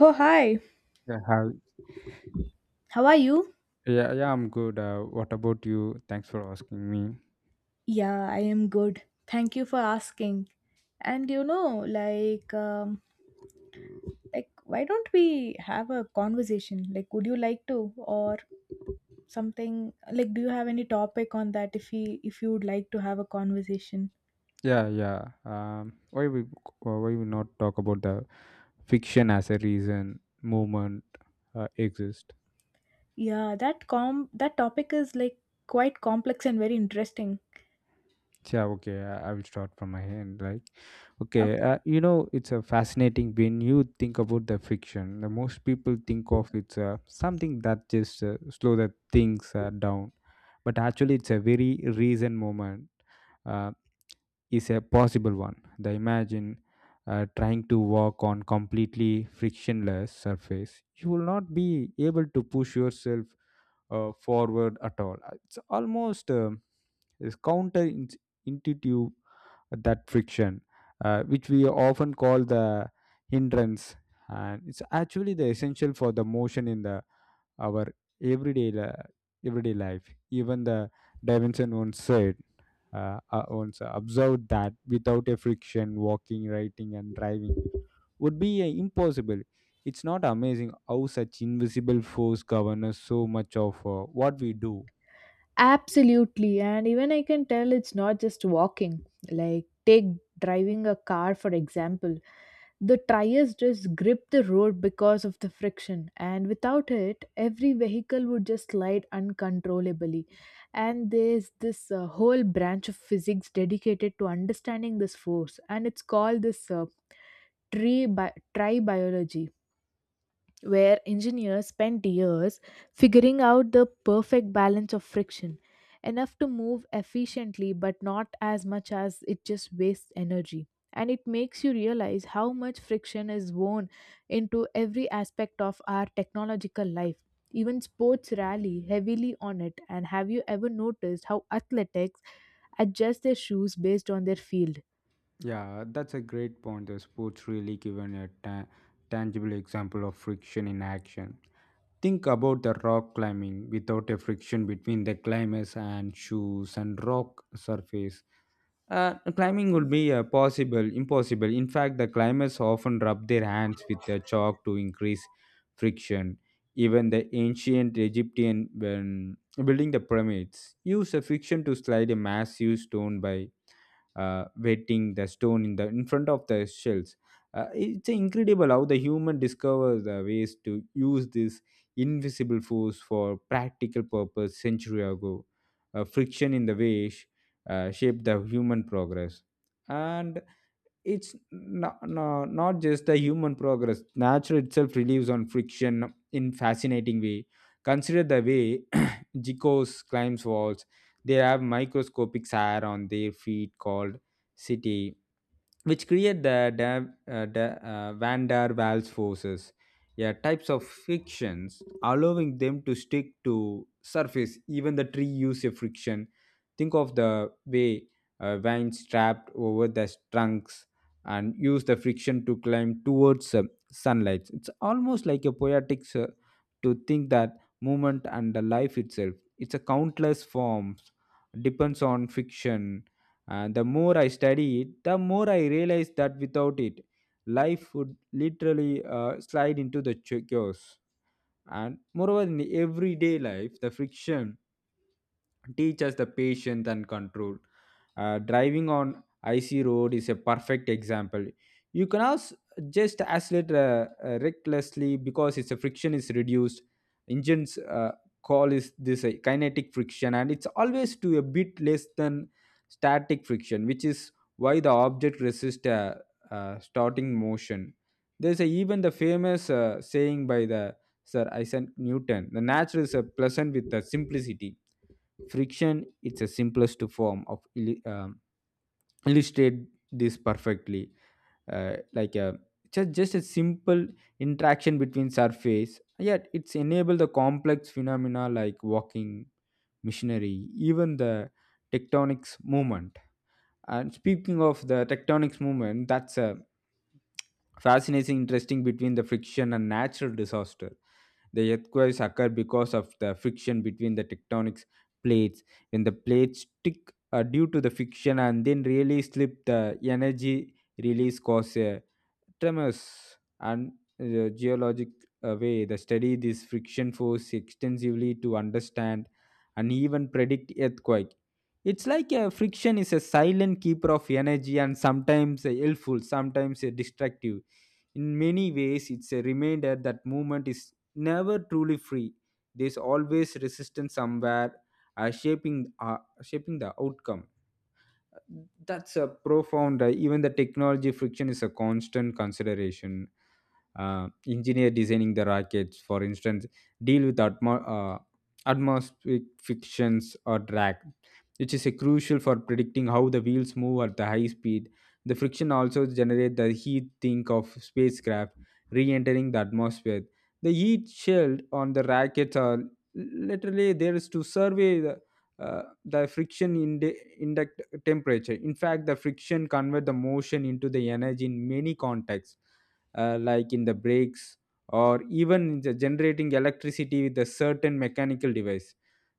Oh, hi. Yeah, hi. How are you? Yeah, I'm good. What about you? Thanks for asking me. Yeah, I am good. Thank you for asking. And you know, like, why don't we have a conversation? Like, would you like to, or something? Like, do you have any topic on that? If you would like to have a conversation, Yeah. Why we not talk about the fiction as a reason movement exist? yeah, that topic is like quite complex and very interesting. Yeah, okay. I will start from my end. Like, okay, Okay. It's a fascinating when you think about the fiction. The most people think of it's something that just slow the things down, but actually, it's a very reason moment uh, is a possible one. The imagine trying to walk on completely frictionless surface, you will not be able to push yourself forward at all. It's almost is counterintuitive that friction, which we often call the hindrance, and it's actually the essential for the motion in the our everyday li- everyday life. Even the Davinson once said, once observed that without a friction, walking, writing, and driving would be impossible. It's not amazing how such invisible force governs so much of what we do. Absolutely. And even I can tell it's not just walking. Like, take driving a car, for example. The tires just grip the road because of the friction, and without it, every vehicle would just slide uncontrollably. And there's this whole branch of physics dedicated to understanding this force, and it's called this tree bi- tri biology where engineers spend years figuring out the perfect balance of friction, enough to move efficiently but not as much as it just wastes energy. And it makes you realize how much friction is woven into every aspect of our technological life. Even sports rally heavily on it. And have you ever noticed how athletics adjust their shoes based on their field? Yeah, that's a great point. The sports really given a tangible example of friction in action. Think about the rock climbing without a friction between the climbers and shoes and rock surface. Climbing would be impossible. In fact, the climbers often rub their hands with the chalk to increase friction. Even the ancient Egyptian, when building the pyramids, used a friction to slide a massive stone by wetting the stone in the in front of the shells. It's incredible how the human discovers the ways to use this invisible force for practical purpose century ago. Friction in the way shaped the human progress, and it's not just a human progress. Nature itself relives on friction in fascinating way. Consider the way geckos climbs walls. They have microscopic hair on their feet called city, which create the van der Waals forces, yeah, types of frictions, allowing them to stick to surface. Even the tree use a friction. Think of the way vines trapped over the trunks and use the friction to climb towards sunlight. It's almost like a poetic to think that movement and the life itself. It's a countless forms depends on friction, and the more I study it, the more I realize that without it, life would literally slide into the chaos. And moreover, in everyday life, the friction teach us the patience and control. Driving on icy road is a perfect example. You can also just accelerate recklessly because its friction is reduced. Engines call is this kinetic friction, and it's always to a bit less than static friction, which is why the object resists starting motion. Even the famous saying by the Sir Isaac Newton: "The nature is a pleasant with the simplicity." Friction it's the simplest form of illustrate this perfectly, like a just a simple interaction between surface, yet it's enable the complex phenomena like walking, machinery, even the tectonics movement. And speaking of the tectonics movement, that's a fascinating interesting between the friction and natural disaster. The earthquakes occur because of the friction between the tectonic plates. When the plates stick due to the friction and then really slip, the energy release causes a tremors. And geologic way the study this friction force extensively to understand and even predict earthquake. It's like a friction is a silent keeper of energy, and sometimes helpful, sometimes destructive. In many ways, it's a reminder that movement is never truly free. There's always resistance somewhere, shaping the outcome. That's a profound, even the technology friction is a constant consideration. Engineer designing the rockets, for instance, deal with uh, atmospheric frictions or drag, which is a crucial for predicting how the wheels move at the high speed. The friction also generates the heat. Think of spacecraft re-entering the atmosphere. The heat shield on the rockets are literally there is to survey the the friction in the index temperature. In fact, the friction convert the motion into the energy in many contexts, like in the brakes or even in the generating electricity with a certain mechanical device.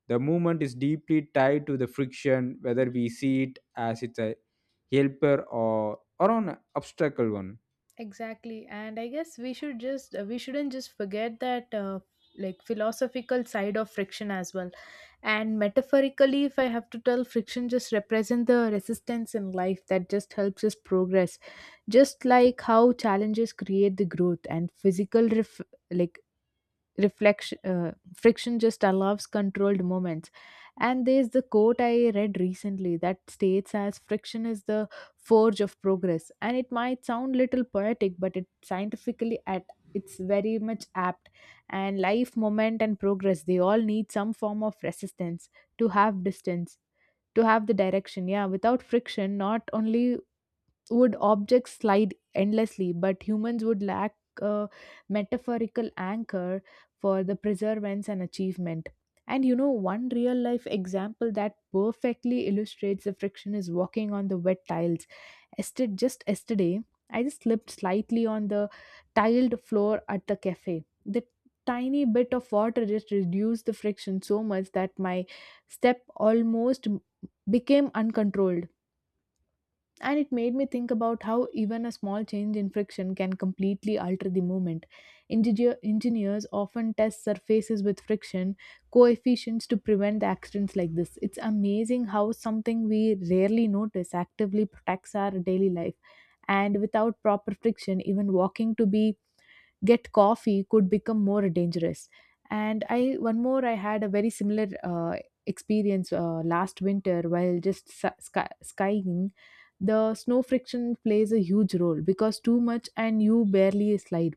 The movement is deeply tied to the friction, whether we see it as it's a helper or an obstacle one. Exactly. And I guess we shouldn't just forget that like philosophical side of friction as well. And metaphorically, if I have to tell, friction just represent the resistance in life that just helps us progress. Just like how challenges create the growth and physical like reflection friction just allows controlled moments. And there's the quote I read recently that states as friction is the forge of progress, and it might sound little poetic but it scientifically at it's very much apt. And life moment and progress, they all need some form of resistance to have distance, to have the direction. Yeah, without friction, not only would objects slide endlessly, but humans would lack a metaphorical anchor for the preservance and achievement. And you know, one real life example that perfectly illustrates the friction is walking on the wet tiles. Ested, just yesterday, I just slipped slightly on the tiled floor at the cafe. The tiny bit of water just reduced the friction so much that my step almost became uncontrolled, and it made me think about how even a small change in friction can completely alter the movement. Engineers often test surfaces with friction coefficients to prevent the accidents like this. It's amazing how something we rarely notice actively protects our daily life. And without proper friction, even walking to be get coffee could become more dangerous. And I one more I had a very similar experience last winter while just skying. The snow friction plays a huge role because too much and you barely slide,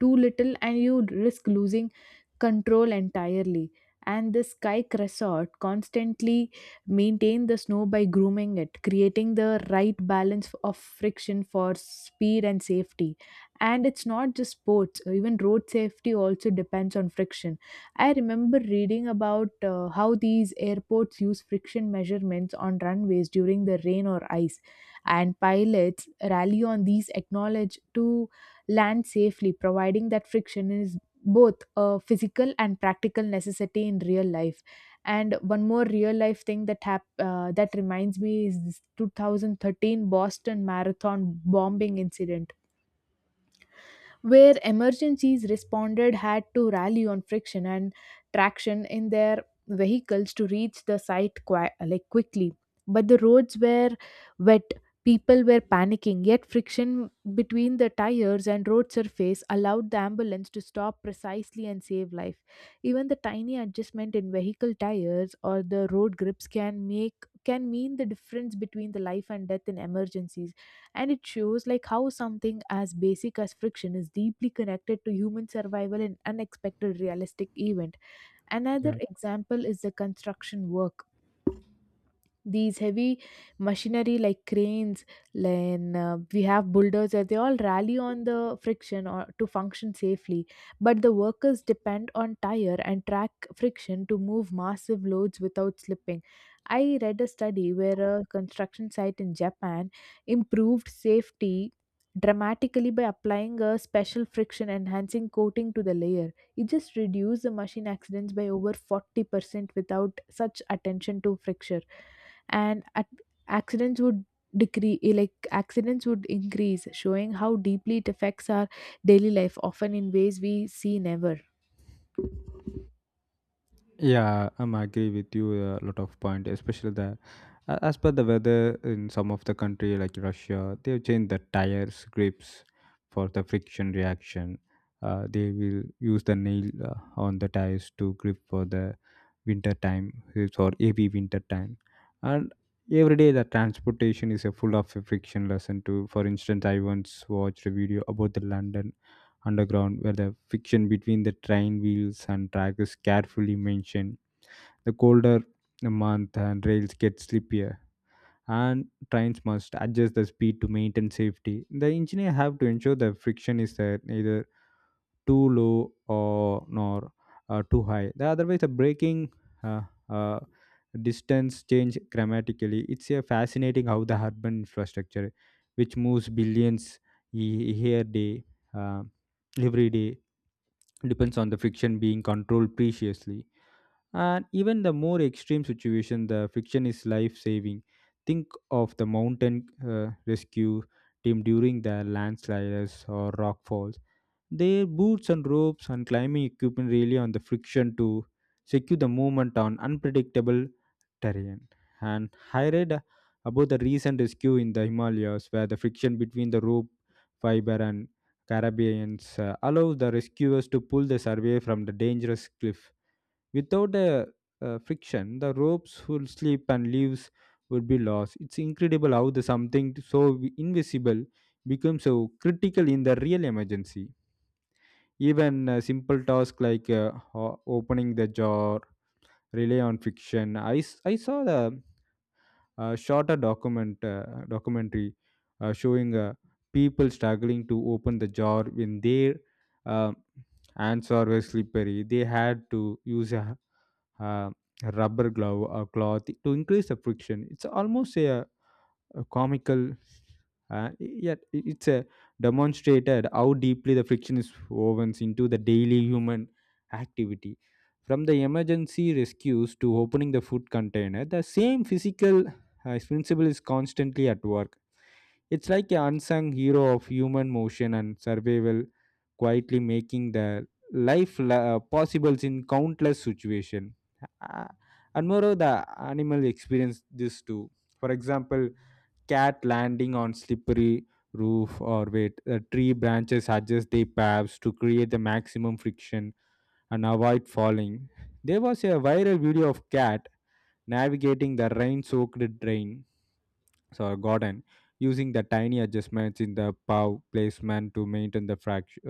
too little and you risk losing control entirely. And the kayak resort constantly maintain the snow by grooming it, creating the right balance of friction for speed and safety. And it's not just sports, even road safety also depends on friction. I remember reading about how these airports use friction measurements on runways during the rain or ice, and pilots rally on these acknowledge to land safely, providing that friction is both a physical and practical necessity in real life. And one more real life thing that that reminds me is this 2013 Boston Marathon bombing incident where emergencies responded had to rally on friction and traction in their vehicles to reach the site like quickly, but the roads were wet, people were panicking, yet friction between the tires and road surface allowed the ambulance to stop precisely and save life. Even the tiny adjustment in vehicle tires or the road grips can make, can mean the difference between the life and death in emergencies. And it shows like how something as basic as friction is deeply connected to human survival in unexpected realistic event. Another example is the construction work. These heavy machinery like cranes, then we have bulldozers, they all rally on the friction or to function safely, but the workers depend on tire and track friction to move massive loads without slipping. I read a study where a construction site in Japan improved safety dramatically by applying a special friction enhancing coating to the layer. It just reduced the machine accidents by over 40%. Without such attention to friction, and at accidents would decrease, like accidents would increase, showing how deeply it affects our daily life often in ways we see never. Yeah, I'm agree with you a lot of point, especially the as per the weather in some of the country like Russia, they've changed the tires grips for the friction reaction. They will use the nail on the tires to grip for the winter time, it's or heavy winter time, and every day the transportation is a full of a friction lesson too. For instance, I once watched a video about the London underground where the friction between the train wheels and track is carefully mentioned. The colder the month and rails get slippier, and trains must adjust the speed to maintain safety. The engineer have to ensure the friction is neither too low or nor too high. The otherwise the braking uh, uh, distance change dramatically. It's fascinating how the urban infrastructure, which moves billions e- here day uh, every day, depends on the friction being controlled preciously. And even the more extreme situation, the friction is life saving. Think of the mountain rescue team during the landslides or rock falls. Their boots and ropes and climbing equipment rely on the friction to secure the movement on unpredictable terrain. And I read about the recent rescue in the himalayas where the friction between the rope fiber and carabines allows the rescuers to pull the survey from the dangerous cliff. Without friction, the ropes would slip and leaves would be lost. It's incredible how the something so invisible becomes so critical in the real emergency. Even a simple task like opening the jar rely on friction. I saw the shot a document documentary showing people struggling to open the jar when their uh, hands are very slippery. They had to use a, uh rubber glove or cloth to increase the friction. It's almost a comical, yet it's a demonstrated how deeply the friction is woven into the daily human activity. From the emergency rescues to opening the food container, the same physical principle is constantly at work. It's like an unsung hero of human motion and survival, quietly making the life possible in countless situations. Uh, and moreover, the animal experience this too. For example, cat landing on slippery roof or wait tree branches adjust their paths to create the maximum friction and avoid falling. There was a viral video of cat navigating the rain soaked drain so garden, using the tiny adjustments in the paw placement to maintain the fraction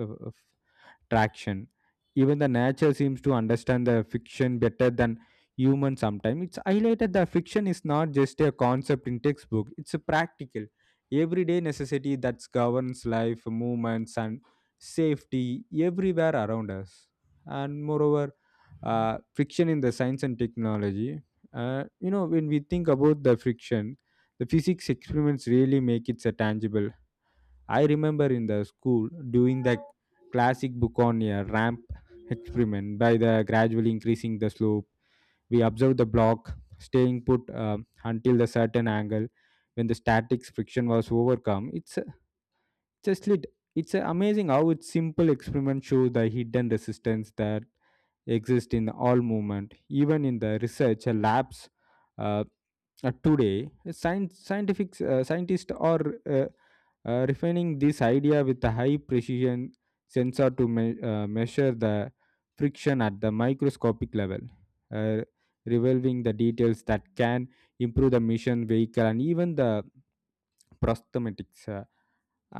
traction. Even the nature seems to understand the fiction better than humans sometimes. It's highlighted that fiction is not just a concept in textbook, it's a practical, everyday necessity that governs life, movements, and safety everywhere around us. And moreover, friction in the science and technology. You know, when we think about the friction, the physics experiments really make it tangible. I remember in the school doing the classic book on a ramp experiment by the gradually increasing the slope. We observed the block staying put until the certain angle when the static friction was overcome. Just lit. It's a amazing how its simple experiment shows the hidden resistance that exist in all movement, even in the research labs. uh, Today scientific scientists are uh, refining this idea with a high precision sensor to measure the friction at the microscopic level, uh, revealing the details that can improve the mission vehicle and even the prosthetics. uh,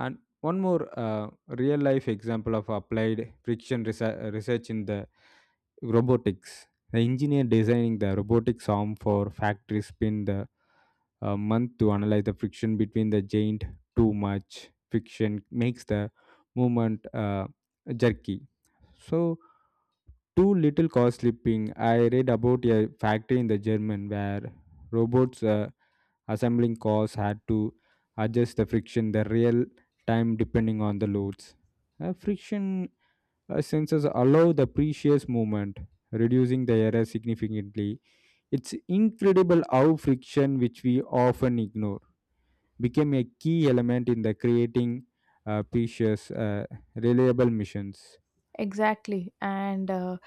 and one more real life example of applied friction research in the Robotics. The engineer designing the robotics arm for factory spent the month to analyze the friction between the joint. Too much friction makes the movement jerky. So too little cause slipping. I read about a factory in the German where robots assembling cars had to adjust the friction the real time depending on the loads. Friction sensors allow the precious movement, reducing the error significantly. It's incredible how friction, which we often ignore, became a key element in the creating precious, reliable missions. Exactly. And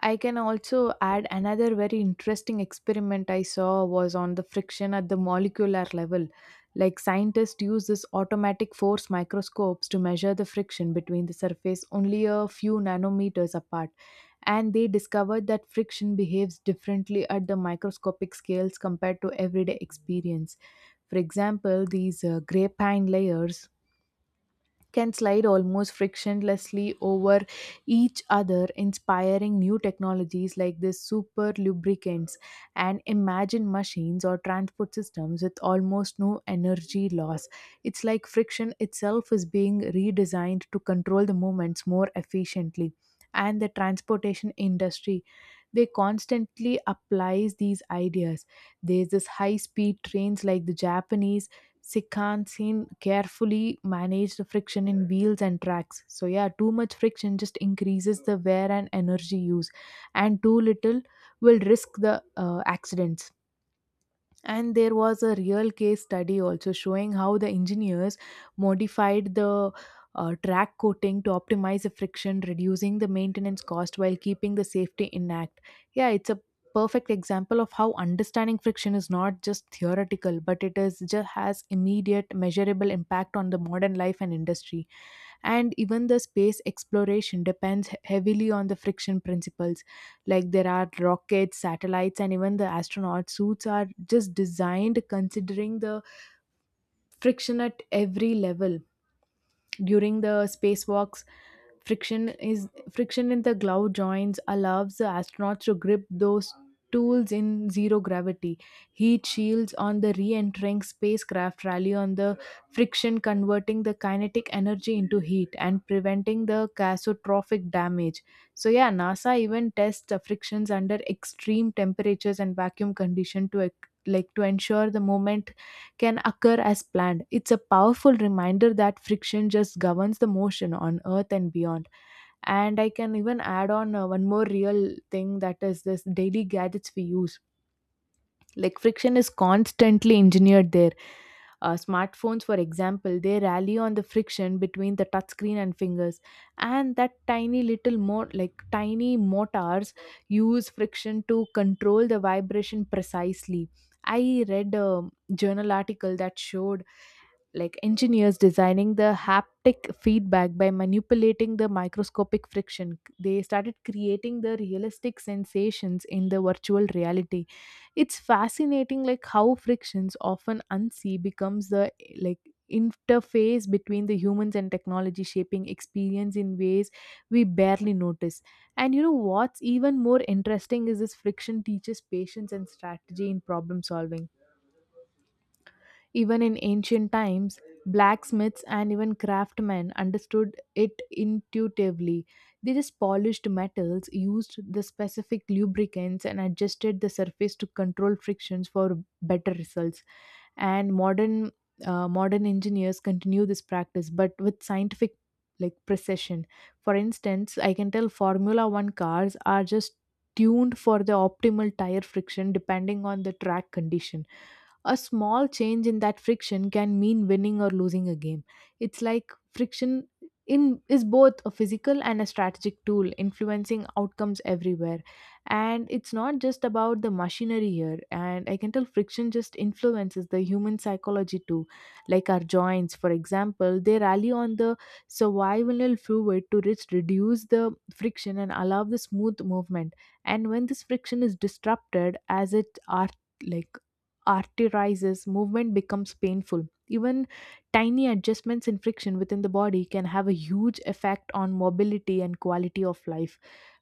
I can also add another very interesting experiment I saw was on the friction at the molecular level. Like scientists use this automatic force microscopes to measure the friction between the surface only a few nanometers apart. And they discovered that friction behaves differently at the microscopic scales compared to everyday experience. For example, these gray pine layers can slide almost frictionlessly over each other, inspiring new technologies like the super lubricants, and imagine machines or transport systems with almost no energy loss. It's like friction itself is being redesigned to control the movements more efficiently. And the transportation industry, they constantly applies these ideas. There's this high speed trains like the Japanese Shinkansen carefully manage the friction in wheels and tracks. So yeah, too much friction just increases the wear and energy use, and too little will risk the accidents. And there was a real case study also showing how the engineers modified the track coating to optimize the friction, reducing the maintenance cost while keeping the safety intact. Yeah, it's a perfect example of how understanding friction is not just theoretical, but it is just has immediate measurable impact on the modern life and industry. And even the space exploration depends heavily on the friction principles, like there are rockets, satellites, and even the astronaut suits are just designed considering the friction at every level. During the spacewalks, friction is friction in the glove joints allows the astronauts to grip those tools in zero gravity. Heat shields on the re-entering spacecraft rally on the friction, converting the kinetic energy into heat and preventing the catastrophic damage. So yeah, NASA even tests the frictions under extreme temperatures and vacuum condition to like to ensure the moment can occur as planned. It's a powerful reminder that friction just governs the motion on Earth and beyond. And I can even add on one more real thing that is this daily gadgets we use. Like friction is constantly engineered there. Smartphones, for example, they rally on the friction between the touchscreen and fingers, and that tiny little more like tiny motors use friction to control the vibration precisely. I read a journal article that showed like engineers designing the haptic feedback by manipulating the microscopic friction, they started creating the realistic sensations in the virtual reality. It's fascinating like how frictions often unseen becomes the like interface between the humans and technology, shaping experience in ways we barely notice. And you know what's even more interesting is this friction teaches patience and strategy in problem solving. Even in ancient times, blacksmiths and even craftsmen understood it intuitively. They just polished metals, used the specific lubricants, and adjusted the surface to control frictions for better results. And modern engineers continue this practice, but with scientific like precision. For instance, I can tell Formula One cars are just tuned for the optimal tire friction depending on the track condition. A small change in that friction can mean winning or losing a game. It's like friction in is both a physical and a strategic tool influencing outcomes everywhere. And it's not just about the machinery here, and I can tell friction just influences the human psychology too. Like our joints, for example, they rally on the survival fluid to just reduce the friction and allow the smooth movement. And when this friction is disrupted as it are like RT, movement becomes painful. Even tiny adjustments in friction within the body can have a huge effect on mobility and quality of life.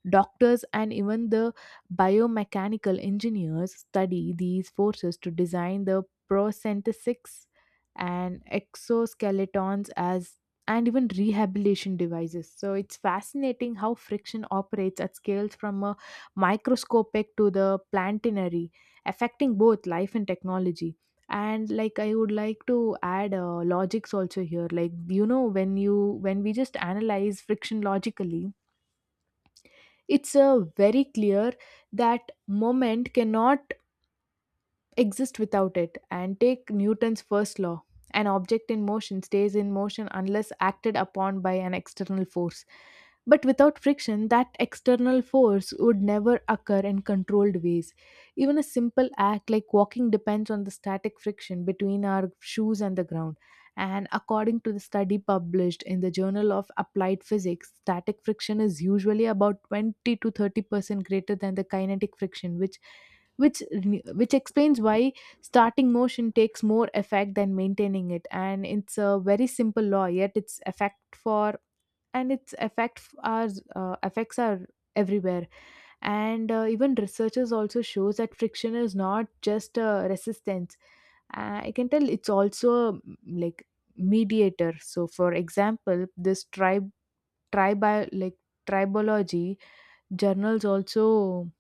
Doctors and even the biomechanical engineers study these forces to design the prosthetics and exoskeletons as and even rehabilitation devices. So it's fascinating how friction operates at scales from a microscopic to the planetary, affecting both life and technology. And like I would like to add logics also here like you know when we just analyze friction logically, it's a very clear that moment cannot exist without it. And take Newton's first law, an object in motion stays in motion unless acted upon by an external force. But without friction, that external force would never occur in controlled ways. Even a simple act like walking depends on the static friction between our shoes and the ground. And according to the study published in the Journal of Applied Physics, static friction is usually about 20 to 30% greater than the kinetic friction, which which explains why starting motion takes more effect than maintaining it. And it's a very simple law yet its effect for and its effect are effects are everywhere. And even researchers also shows that friction is not just a resistance. I can tell it's also a, like mediator. So for example, this tribe tribal like tribology journals also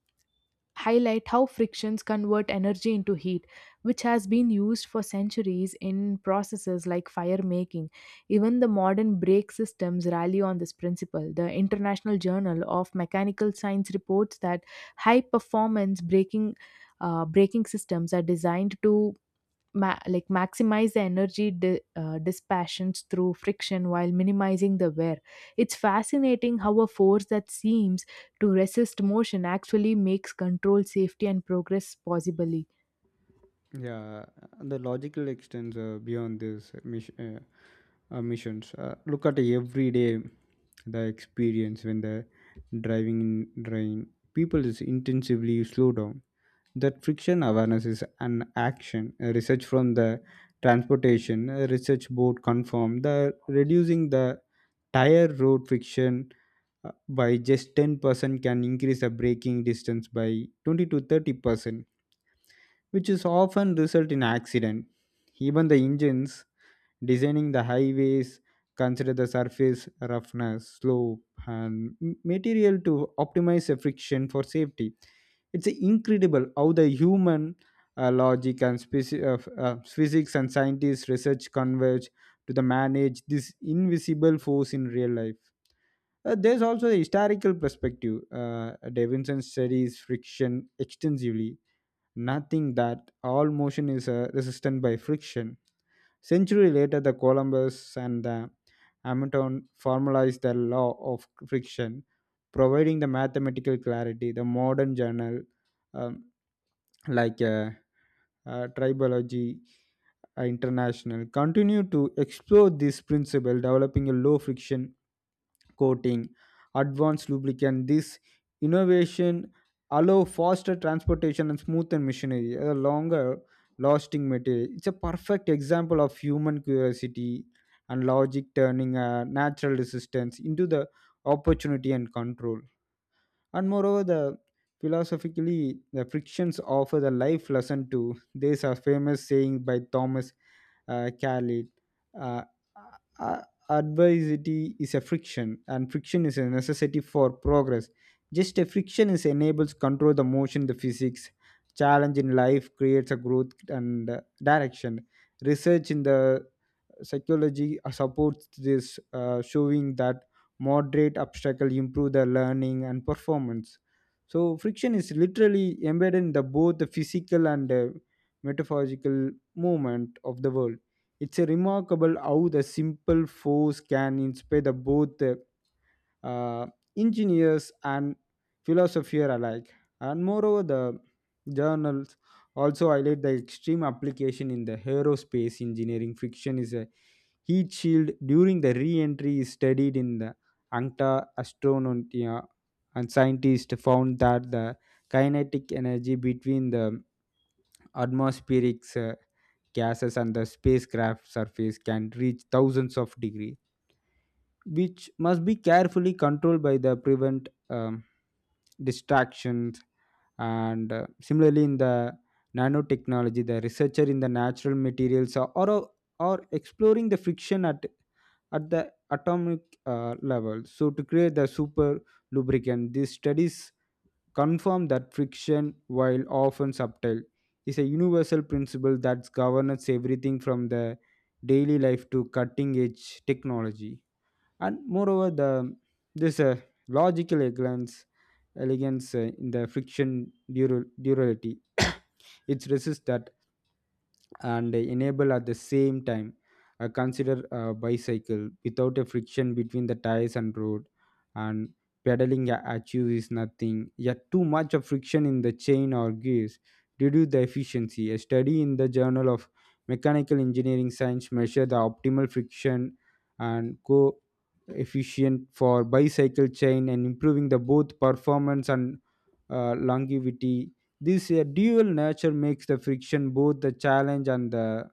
highlight how frictions convert energy into heat, which has been used for centuries in processes like fire making. Even the modern brake systems rally on this principle. The International Journal of Mechanical Science reports that high performance braking. Braking systems are designed to like maximize the energy dispassions through friction while minimizing the wear. It's fascinating how a force that seems to resist motion actually makes control safety and progress possibly. Yeah, the logical extends beyond this missions. Look at everyday the experience when the driving in rain. People is intensively slow down. That friction awareness is an action. Research from the transportation research board confirmed the reducing the tire road friction by just 10% can increase the braking distance by 20 to 30%, which is often result in accident. Even the engines designing the highways consider the surface roughness slope and material to optimize the friction for safety. It's incredible how the human logic and physics and scientists research converge to the manage this invisible force in real life. There's also a historical perspective. Davidson studies friction extensively, nothing that all motion is resistant by friction. Century later, the Columbus and the Hamilton formalized the law of friction, providing the mathematical clarity. The modern journal, um, like uh, Tribology International, continue to explore this principle, developing a low friction coating, advanced lubricant. This innovation allow faster transportation and smoother machinery, a longer lasting material. It's a perfect example of human curiosity and logic turning a natural resistance into the opportunity and control. And moreover, the philosophically the frictions offer the life lesson too. There's a famous saying by Thomas Khalid, uh, uh, uh, adversity is a friction and friction is a necessity for progress. Just a friction is enables control the motion the physics challenge in life creates a growth and direction. Research in the psychology supports this, showing that moderate obstacle improve the learning and performance. So friction is literally embedded in the both the physical and metaphorical movement of the world. It's a remarkable how the simple force can inspire the both uh, engineers and philosopher alike. And moreover, the journals also highlight the extreme application in the aerospace engineering. Fiction is a heat shield during the re-entry is studied in the Ankta Astronautia, and scientists found that the kinetic energy between the atmospheric gases and the spacecraft surface can reach thousands of degrees, which must be carefully controlled by the prevent distractions. And similarly in the nanotechnology, the researcher in the natural materials are exploring the friction at the atomic level so to create the super lubricant. These studies confirm that friction, while often subtle, is a universal principle that governs everything from the daily life to cutting edge technology. And moreover, the this logical elegance elegance in the friction durability it resists that and enable at the same time. Consider a bicycle without a friction between the tires and road, and pedaling achieves nothing. Yet too much of friction in the chain or gears reduce the efficiency. A study in the Journal of Mechanical Engineering Science measured the optimal friction and coefficient for bicycle chain and improving the both performance and longevity. This dual nature makes the friction both the challenge and the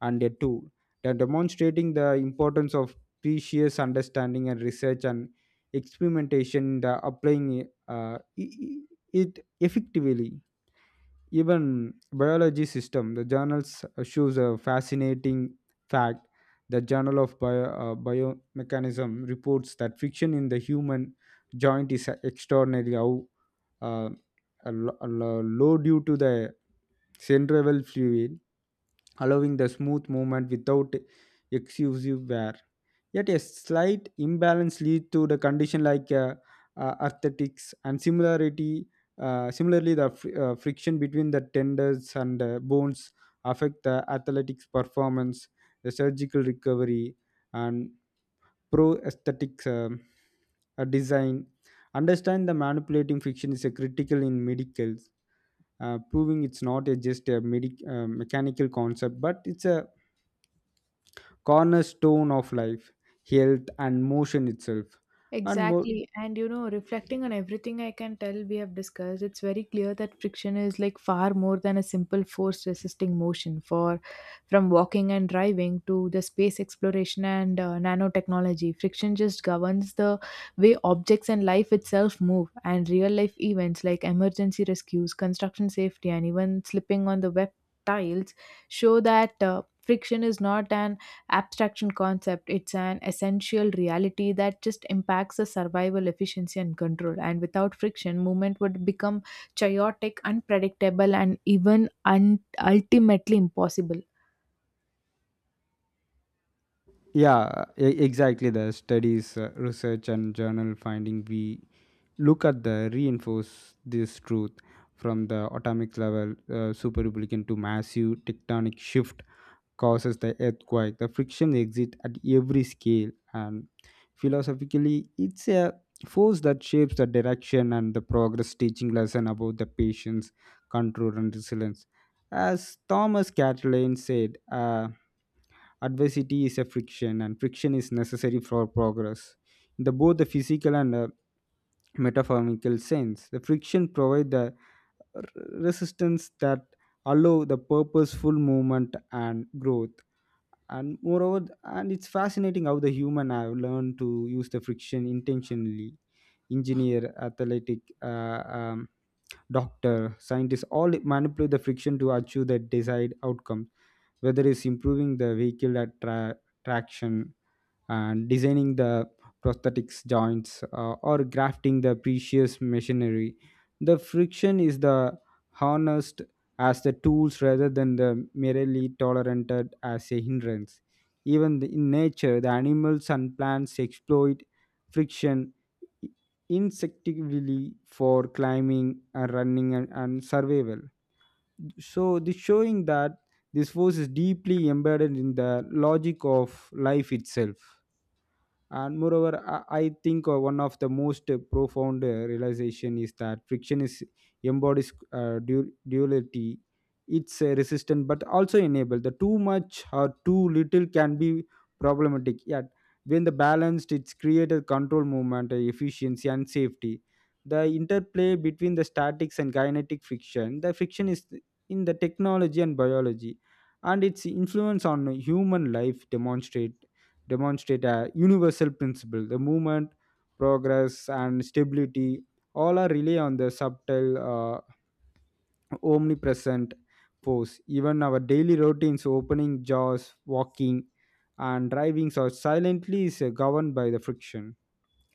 and a tool. They're demonstrating the importance of precious understanding and research and experimentation in the applying i- i- it effectively. Even biology system, the journals shows a fascinating fact. The Journal of Bio, Biomechanism reports that friction in the human joint is extraordinary how uh, low due to the centrifugal fluid, allowing the smooth movement without excessive wear. Yet a slight imbalance leads to the condition like arthritics and similarity. Similarly, the friction between the tendons and bones affect the athletics performance, the surgical recovery, and prosthetics design. Understand the manipulating friction is a critical in medicals, proving it's not a, just a mechanical concept, but it's a cornerstone of life, health, and motion itself. And more, Exactly. And you know, reflecting on everything I can tell we have discussed, it's very clear that friction is like far more than a simple force resisting motion for from walking and driving to the space exploration and nanotechnology. Friction just governs the way objects and life itself move, and real life events like emergency rescues, construction safety, and even slipping on the wet tiles show that friction is not an abstraction concept. It's an essential reality that just impacts the survival efficiency and control. And without friction, movement would become chaotic, unpredictable, and even ultimately impossible. yeah, exactly. The studies, research, and journal finding we look at the reinforce this truth from the atomic level superrepublican to massive tectonic shift causes the earthquake. The friction exists at every scale, and philosophically, it's a force that shapes the direction and the progress, teaching lesson about the patience, control, and resilience. As Thomas Catalan said, adversity is a friction, and friction is necessary for progress. In the, both the physical and metaphorical sense, the friction provides the r- resistance that allow the purposeful movement and growth. And moreover, and it's fascinating how the human have learned to use the friction intentionally. Engineer, athletic doctor, scientists all manipulate the friction to achieve the desired outcome, whether it's improving the vehicle at traction and designing the prosthetics joints or grafting the precious machinery. The friction is the harnessed as the tools rather than the merely tolerated as a hindrance. Even in nature, the animals and plants exploit friction insectively for climbing and running and survival. So this showing that this force is deeply embedded in the logic of life itself. And moreover, I think one of the most profound realization is that friction is embodies duality. It's resistant but also enable the too much or too little can be problematic, yet when the balanced it's created control movement, efficiency and safety. The interplay between the statics and kinetic friction, the friction is in the technology and biology, and its influence on human life demonstrate a universal principle. The movement, progress and stability all are rely on the subtle omnipresent force. Even our daily routines, opening jaws, walking and driving so silently is governed by the friction.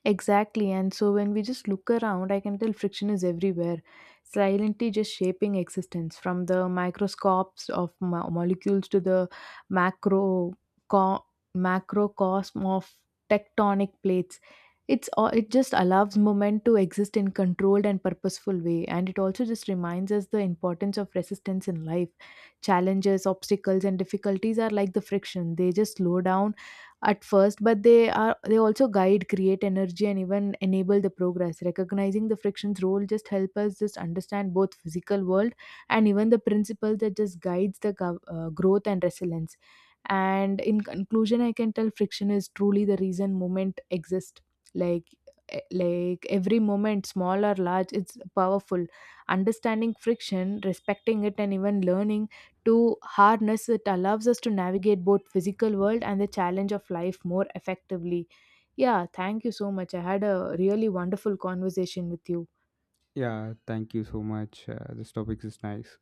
Exactly. And so when we just look around, I can tell friction is everywhere, silently just shaping existence from the microscopes of molecules to the macro co- macrocosm of tectonic plates. It's all, it just allows movement to exist in controlled and purposeful way, and it also just reminds us the importance of resistance in life. Challenges, obstacles, and difficulties are like the friction. They just slow down at first but they are they also guide create energy and even enable the progress. Recognizing the friction's role just help us just understand both physical world and even the principle that just guides the growth and resilience. And in conclusion, I can tell friction is truly the reason movement exists, like like every moment small or large it's powerful. Understanding friction, respecting it, and even learning to harness it allows us to navigate both physical world and the challenge of life more effectively. Yeah, thank you so much, I had a really wonderful conversation with you. Yeah, thank you so much. This topic is nice.